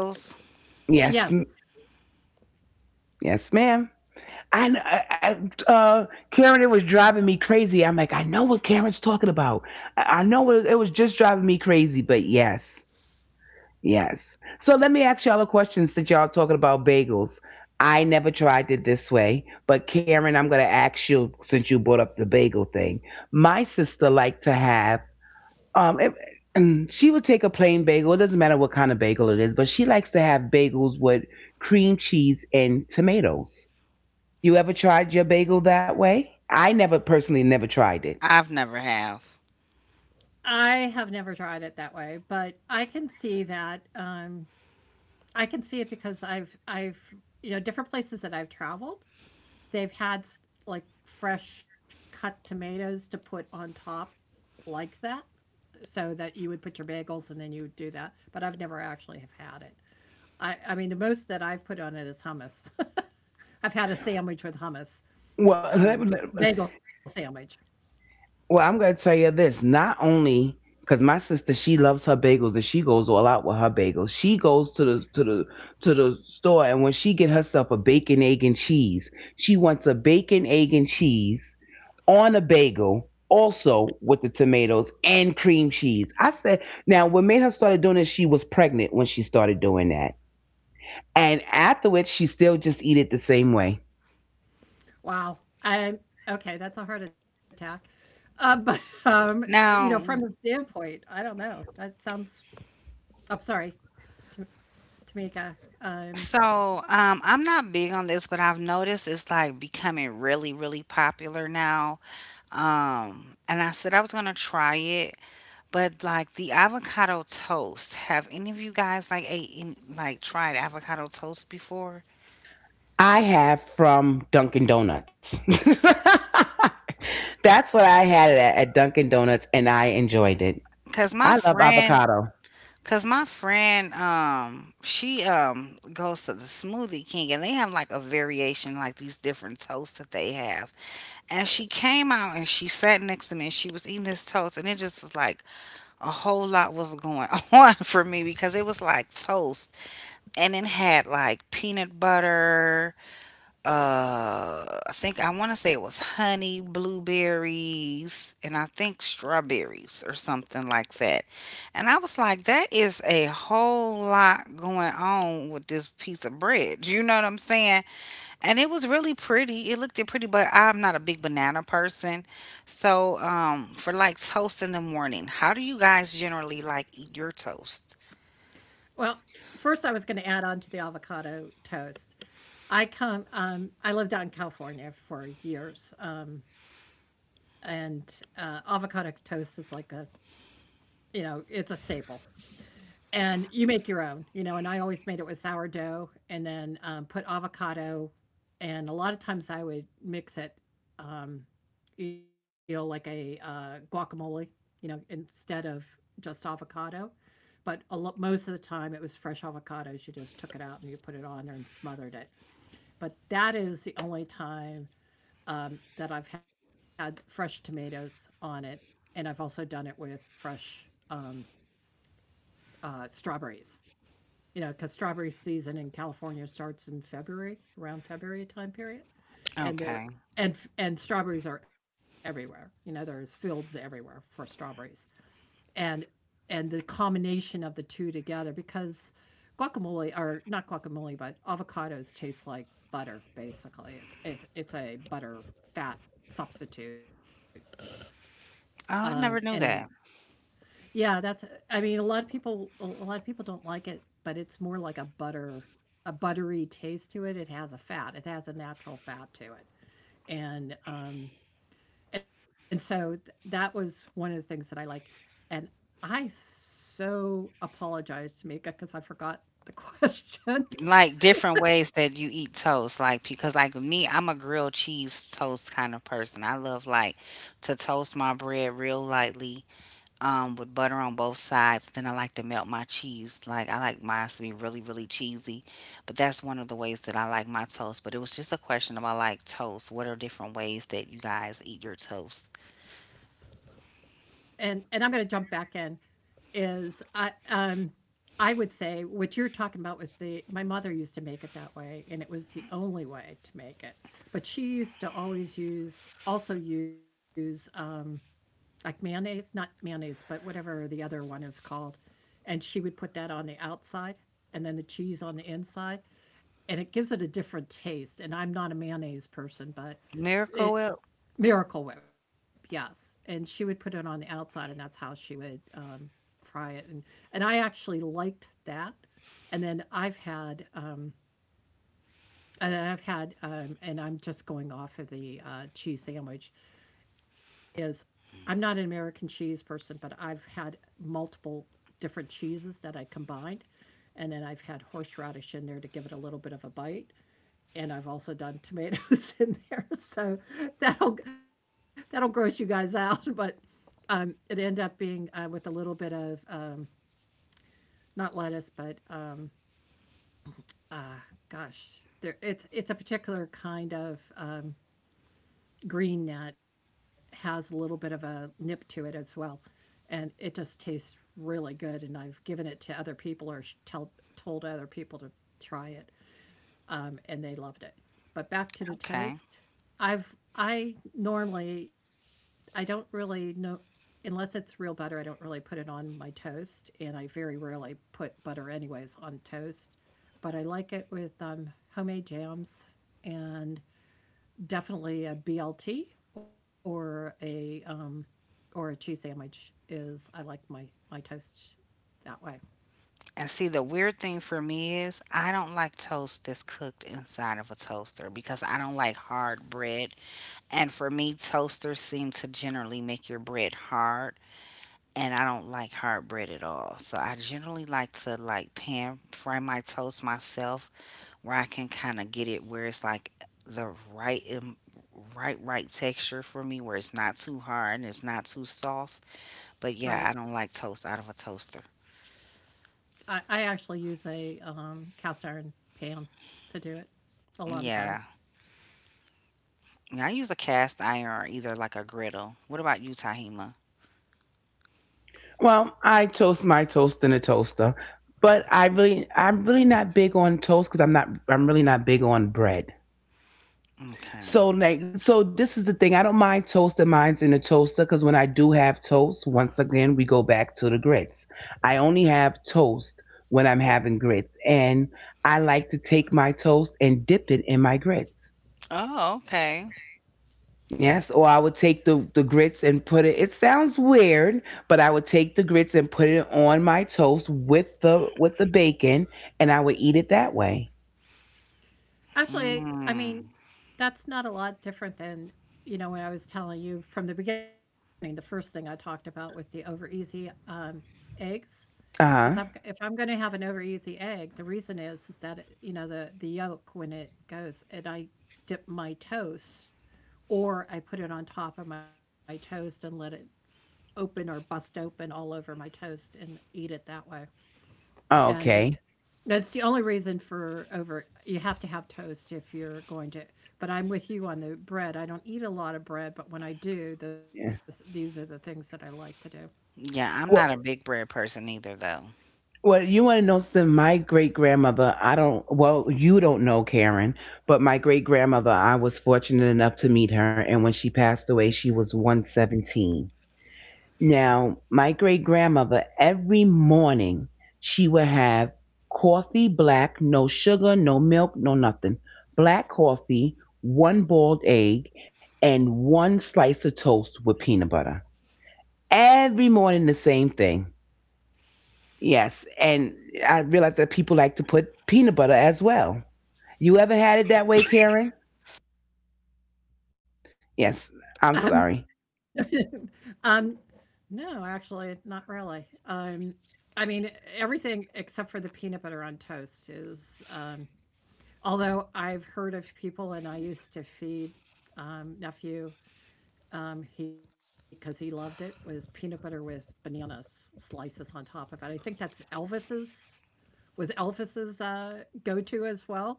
Speaker 1: Yes.
Speaker 2: yes,
Speaker 1: Yes, ma'am. I, kn- I Karen, it was driving me crazy. I'm like, I know what Karen's talking about. I know it, it was just driving me crazy, but yes. Yes. So let me ask y'all a question since y'all talking about bagels. I never tried it this way, but Karen, I'm going to ask you since you brought up the bagel thing. My sister liked to have um it, and she would take a plain bagel. It doesn't matter what kind of bagel it is, but she likes to have bagels with cream cheese and tomatoes. You ever tried your bagel that way? I never personally never tried it.
Speaker 2: I have never tried it that way, but I can see that, I can see it because I've you know, different places that I've traveled, they've had like fresh cut tomatoes to put on top like that so that you would put your bagels and then you would do that. But I've never actually have had it. I mean, the most that I've put on it is hummus. I've had a sandwich with hummus,
Speaker 1: Well, let, let-
Speaker 2: bagel sandwich.
Speaker 1: Well, I'm gonna tell you this. Not only because my sister, she loves her bagels and she goes all out with her bagels. She goes to the store, and when she get herself a bacon, egg, and cheese, she wants a bacon, egg, and cheese on a bagel, also with the tomatoes and cream cheese. I said, now what made her started doing this? She was pregnant when she started doing that, and afterwards she still just eat it the same way.
Speaker 2: Wow. I'm okay. That's a heart attack. But you know, from the standpoint, I don't know. That sounds. I'm sorry, Tam- Tamika. Um,
Speaker 1: I have from Dunkin' Donuts. That's what I had it at Dunkin' Donuts, and I enjoyed it. I love avocado.
Speaker 2: Well, first I was going to add on to the avocado toast. I come I lived out in California for years. And avocado toast is like a you know, it's a staple. And you make your own, you know, and I always made it with sourdough and then, put avocado, and a lot of times I would mix it, um, you know, like a guacamole, you know, instead of just avocado. But a lot, most of the time it was fresh avocados. You just took it out and you put it on there and smothered it. But that is the only time, that I've had fresh tomatoes on it. And I've also done it with fresh, um, strawberries you know, because strawberry season in California starts in February, around February time period, and there and strawberries are everywhere. You know, there's fields everywhere for strawberries, and and the combination of the two together because guacamole or not guacamole, but avocados taste like butter basically. It's a butter fat substitute. And then yeah, that's I mean, a lot of people don't like it, but it's more like a butter a buttery taste to it. It has a fat. It has a natural fat to it. And um and so that was one of the things that I like. And I so apologize to Mika because I forgot the question. And I'm going to jump back in is I would say what you're talking about with the my mother used to make it that way and it was the only way to make it. But she used to always use also use like mayonnaise, not mayonnaise, but whatever the other one is called. And she would put that on the outside and then the cheese on the inside and it gives it a different taste and I'm not a mayonnaise person, but it Miracle Whip, yes. And she would put it on the outside, and that's how she would fry it. And I actually liked that. And then I've had, and I've had, and I'm just going off of the cheese sandwich. Is I'm not an American cheese person, but I've had multiple different cheeses that I combined, and then I've had horseradish in there to give it a little bit of a bite. And I've also done tomatoes in there, so that'll gross you guys out, but it ended up being with a little bit of not lettuce, but uh, gosh, there it's a particular kind of green that has a little bit of a nip to it as well, and it just tastes really good. And I've given it to other people or tell, told other people to try it. And they loved it. But back to the toast, I've I normally I don't really know unless it's real butter. I don't really put it on my toast, and I very rarely put butter anyways on toast. But I like it with homemade jams and definitely a BLT or a um, or a cheese sandwich is I like my toast that way, right? I actually use a cast iron pan to do it a lot of times.
Speaker 1: Well, I toast my toast in a toaster, but I really, I'm really not big on toast because I'm not, I'm really not big on bread. So like so this is the thing. I don't mind toasting mines in the toaster because when I do have toast, once again we go back to the grits. I only have toast when I'm having grits. And I like to take my toast and dip it in my grits. Yes, or I would take the grits and put it, it sounds weird, but I would take the grits and put it on my toast with the bacon, and I would eat it that way.
Speaker 2: Actually, I mean, that's not a lot different than, you know, when I was telling you from the beginning, the first thing I talked about with the over easy eggs. Is I've, if
Speaker 1: Uh-huh.
Speaker 2: I'm going to have an over easy egg, the reason is that you know the yolk when it goes and I dip my toast or I put it on top of my toast and let it open or bust open all over my toast and eat it that way. And it
Speaker 1: Okay.
Speaker 2: that's the only reason for over you have to have toast if you're going to but I'm with you on the bread. I don't eat a lot of bread, but when I do, this
Speaker 1: Yeah.
Speaker 2: these are the things that I like to do.
Speaker 1: Well, well, you want to know something? My great grandmother, I don't, well, you don't know Karen, but my great grandmother, I was fortunate enough to meet her. And when she passed away, she was 117. Now, my great grandmother, every morning, she would have coffee black, no sugar, no milk, no nothing. Black coffee, one boiled egg, and one slice of toast with peanut butter. Every morning, the same thing. Yes, and I realize that people like to put peanut butter as well. You ever had it that way, Karen? Yes, I'm
Speaker 2: Um,
Speaker 1: sorry.
Speaker 2: um no, actually not really. I mean everything except for the peanut butter on toast is although I've heard of people and I used to feed nephew he because he loved it was peanut butter with bananas slices on top of it. I think that's Elvis's was Elvis's go-to as well.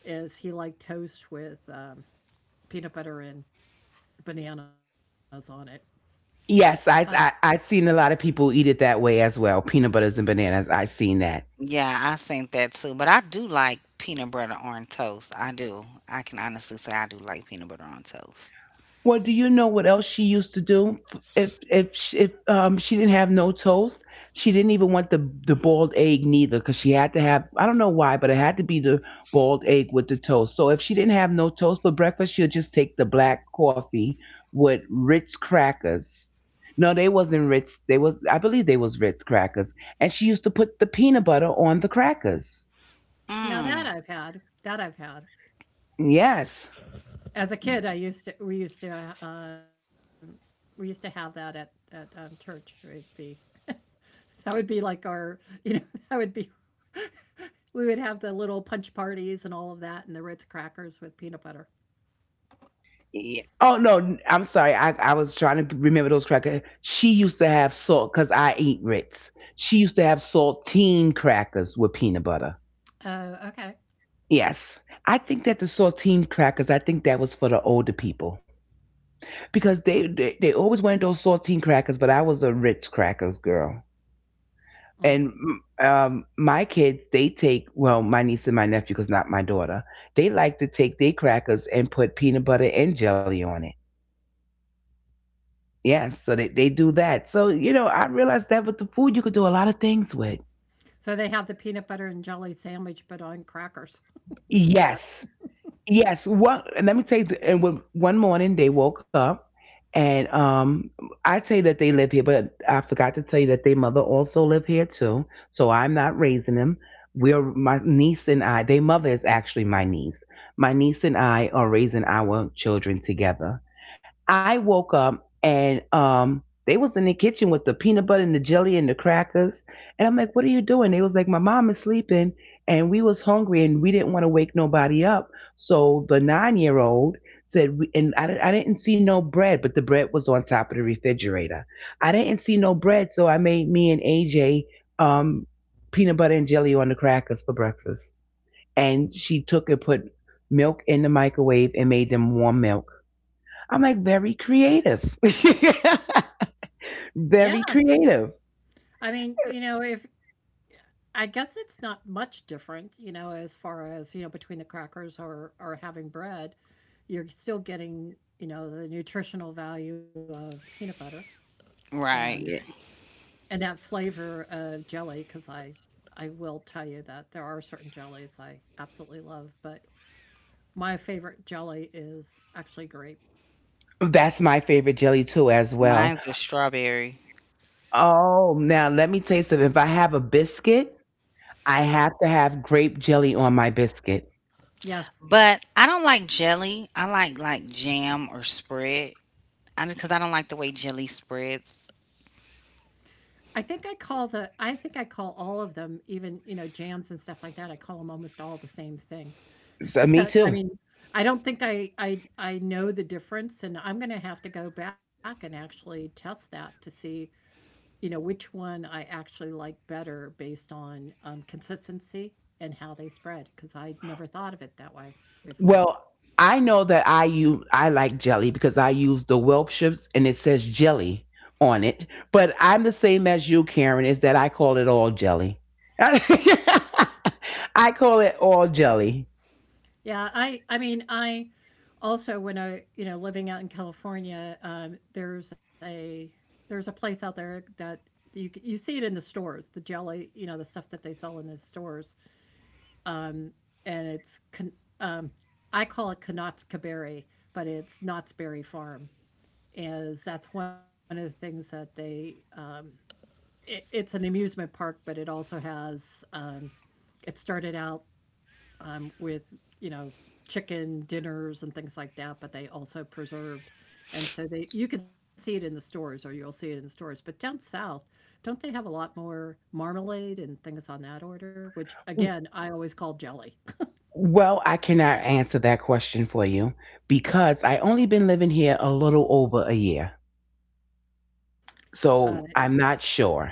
Speaker 2: Is he liked toast with peanut butter and bananas on it? But
Speaker 1: Yes, I seen a lot of people eat it that way as well. Peanut butters and bananas. I seen that. Well, do you know what else she used to do? If she didn't have no toast, she didn't even want the boiled egg neither, because she had to have, I don't know why, but it had to be the boiled egg with the toast. So if she didn't have no toast for breakfast, she'd just take the black coffee with Ritz crackers. No, they wasn't Ritz. They was, I believe they was Ritz crackers, and she used to put the peanut butter on the crackers.
Speaker 2: now that I've had
Speaker 1: Yes.
Speaker 2: as a kid, I used to we used to we used to have that at church. It'd be that would be like our you know that would be we would have the little punch parties and all of that and the Ritz crackers with peanut butter.
Speaker 1: Yeah. Oh no, I'm sorry. I was trying to remember those crackers. She used to have salt, because I eat Ritz. She used to have saltine crackers with peanut butter.
Speaker 2: Oh, okay.
Speaker 1: Yes, I think that the saltine crackers. I think that was for the older people because they always wanted those saltine crackers, but I was a Ritz crackers girl.
Speaker 2: Mm.
Speaker 1: And my kids, they take, well, my niece and my nephew, because not my daughter. They like to take their crackers and put peanut butter and jelly on it. Yes, so they do that. So, you know, I realized that with the food, you could do a lot of things with.
Speaker 2: So they have the peanut butter and jelly sandwich, but on crackers instead.
Speaker 1: Yes, yes. And let me tell you, one morning they woke up, and I say that they live here, but I forgot to tell you that their mother also live here too. So I'm not raising them. We're my niece and I. Their mother is actually my niece. My niece and I are raising our children together. I woke up and they was in the kitchen with the peanut butter and the jelly and the crackers. And I'm like, what are you doing? They was like, my mom is sleeping and we was hungry and we didn't want to wake nobody up. So the 9-year old said, and I didn't see no bread, but the bread was on top of the refrigerator. I didn't see no bread. So I made me and AJ um, peanut butter and jelly on the crackers for breakfast. And she took and put milk in the microwave and made them warm milk. I'm like, very creative.
Speaker 2: Yeah.
Speaker 1: Very creative.
Speaker 2: I mean, you know, if I guess it's not much different, you know, as far as, you know, between the crackers or having bread, you're still getting, you know, the nutritional value of peanut butter and
Speaker 1: Yeah.
Speaker 2: and that flavor of jelly because I will tell you that there are certain jellies I absolutely love, but my favorite jelly is actually grape.
Speaker 1: That's my favorite jelly too as well. Oh, now let me taste it. If I have a biscuit, I have to have grape jelly on my biscuit.
Speaker 2: Yes, I think I call the I think I call all of them, even, you know, jams and stuff like that, I call them almost all the same thing.
Speaker 1: So, me
Speaker 2: I
Speaker 1: too.
Speaker 2: mean, I don't think I know the difference, and I'm gonna have to go back and actually test that to see, you know, which one I actually like better based on, consistency and how they spread because I never thought of it that way before.
Speaker 1: Well, I know that I like jelly because I use the Welch's and it says jelly on it. But I'm the same as you, Karen, is that I call it all jelly. I call it all jelly.
Speaker 2: Yeah, I mean, I also when I, you know, living out in California, there's a place out there that you see it in the stores, the jelly, you know, the stuff that they sell in the stores. Um, and um, I call it Knott's Berry, but it's Knott's Berry Farm. Is that's one of the things that they it, it's an amusement park, but it also has it started out with you know chicken dinners and things like that, but they also preserved. And so they you can see it in the stores or you'll see it in the stores. But down south, don't they have a lot more marmalade and things on that order? Which again, I always call jelly.
Speaker 1: Well, I cannot answer that question for you because I only been living here a little over a year. So I'm not sure.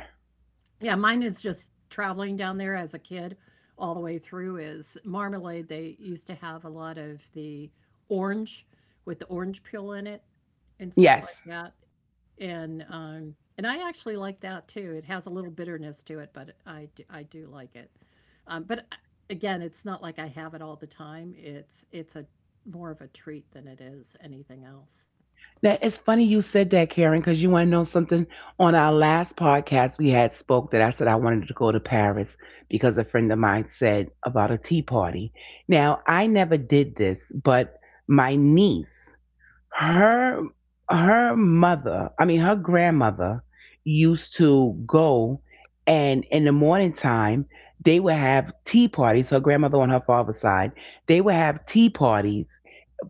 Speaker 2: Yeah, mine is just traveling down there as a kid all the way through is marmalade. They used to have a lot of the orange with the orange peel in it and stuff like
Speaker 1: Yes.
Speaker 2: that. And I actually like that too. It has a little bitterness to it, but I do like it. Um, but I- Again, it's not like I have it all the time. It's a more of a treat than it is anything else.
Speaker 1: Now it's funny you said that, Karen, because you want to know something. On our last podcast, we had spoke that I said I wanted to go to Paris because a friend of mine said about a tea party. Now I never did this, but my niece, her her mother, I mean her grandmother, used to go and in the morning time they would have tea parties. Her grandmother on her father's side, they would have tea parties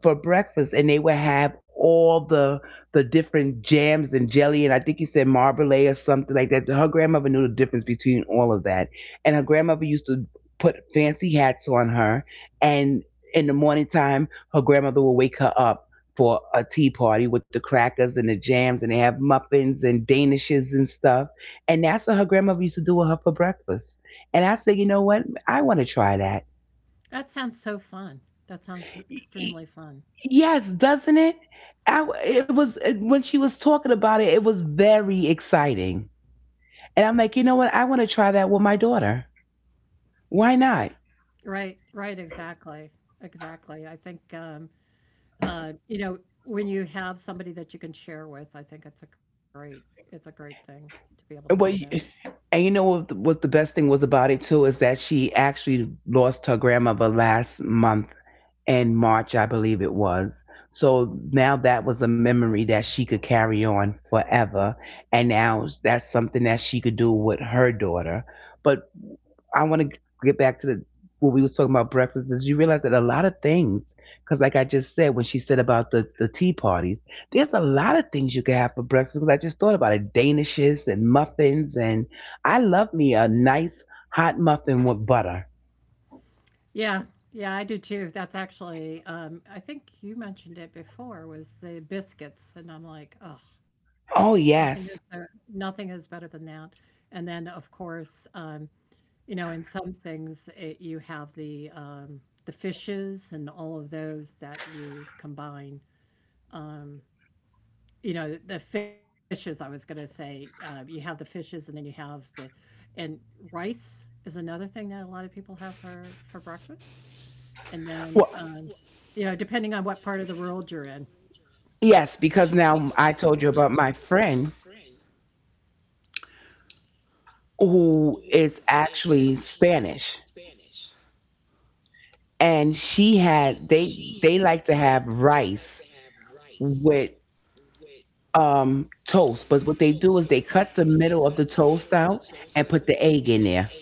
Speaker 1: for breakfast and they would have all the different jams and jelly and I think you said marmalade or something like that. Her grandmother knew the difference between all of that. And her grandmother used to put fancy hats on her and in the morning time her grandmother would wake her up for a tea party with the crackers and the jams and they have muffins and danishes and stuff. And that's what her grandmother used to do with her for breakfast. And I said, you know what? I want to try
Speaker 2: That sounds so fun. That sounds
Speaker 1: that.
Speaker 2: extremely fun.
Speaker 1: Yes, doesn't it? I, w- it was When she was talking about it, it was very exciting. And I'm like, you know what? I want to try that with my daughter. Why not?
Speaker 2: Right, right, exactly, exactly. I think, you know, when you have somebody that you can share with, I think it's a great thing to be able to do
Speaker 1: Well,
Speaker 2: that.
Speaker 1: what, and you know what the best thing was about it too is that she actually lost her grandmother last month in March, I believe it was. So now that was a memory that she could carry on forever. And now that's something that she could do with her daughter. But I want to get back to the what we was talking about breakfast is you realize that a lot of things, because like I just said when she said about the tea parties, there's a lot of things you can have for breakfast. Because I just thought about it, danishes and muffins, and I love me a nice hot muffin with butter.
Speaker 2: Yeah, yeah, I do too. That's actually, I think you mentioned it before was the biscuits, and I'm like, oh,
Speaker 1: Oh
Speaker 2: nothing is there,
Speaker 1: yes.
Speaker 2: nothing is better than that. And then, of course, you know, in some things, it, you have the fishes and all of those that you combine you know the fishes I was going to say you have the fishes and then you have the and rice is another thing that a lot of people have for breakfast and then
Speaker 1: Well,
Speaker 2: you know depending on what part of the world you're in
Speaker 1: yes, because now I told you about my friend who is actually Spanish, and she had they like to have rice with toast. But what they do is they cut the middle of the toast out and put the egg in there.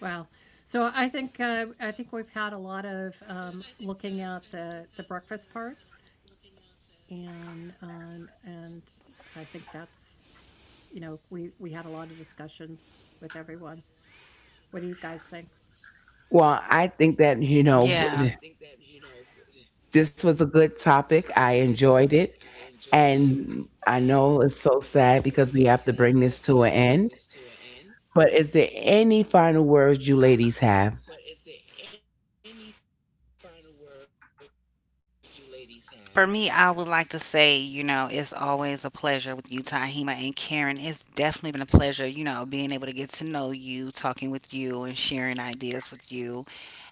Speaker 2: wow so I think we've had a lot of looking at the breakfast parts and I think that's you know we had a lot of discussions with everyone what do you guys think.
Speaker 1: Well, I think
Speaker 3: Yeah.
Speaker 1: that, you know, this was a good topic. I enjoyed it. And I know it's so sad because we have to bring this to an end. But is there any final words you ladies have?
Speaker 3: Yes. For me, I would like to say, it's always a pleasure with you, Tahima and Karen. It's definitely been a pleasure, being able to get to know you, talking with you, and sharing ideas with you.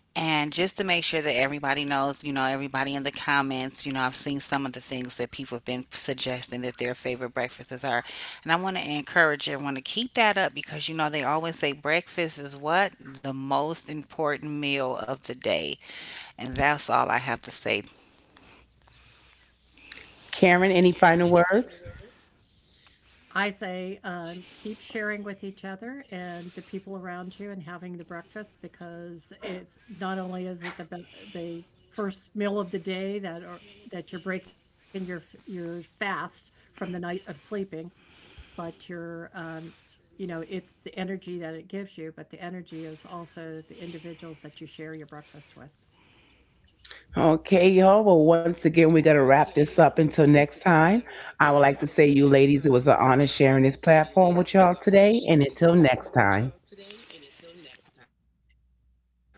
Speaker 3: And just to make sure that everybody knows, everybody in the comments, I've seen some of the things that people have been suggesting that their favorite breakfasts are. And I want to encourage everyone to keep that up because, they always say breakfast is what? The most important meal of the day. And that's all I have to say.
Speaker 1: Karen, any final words?
Speaker 2: I say, keep sharing with each other and the people around you and having the breakfast because it's not only is the first meal of the day that are that you're breaking your your fast from the night of sleeping, but you're you know it's the energy that it gives you, but the energy is also the individuals that you share your breakfast with.
Speaker 1: Okay, y'all. Well, once again, we're going to wrap this up until next time. I would like to say, you ladies, it was an honor sharing this platform with y'all today. And until next time.
Speaker 3: Until next time, bye bye.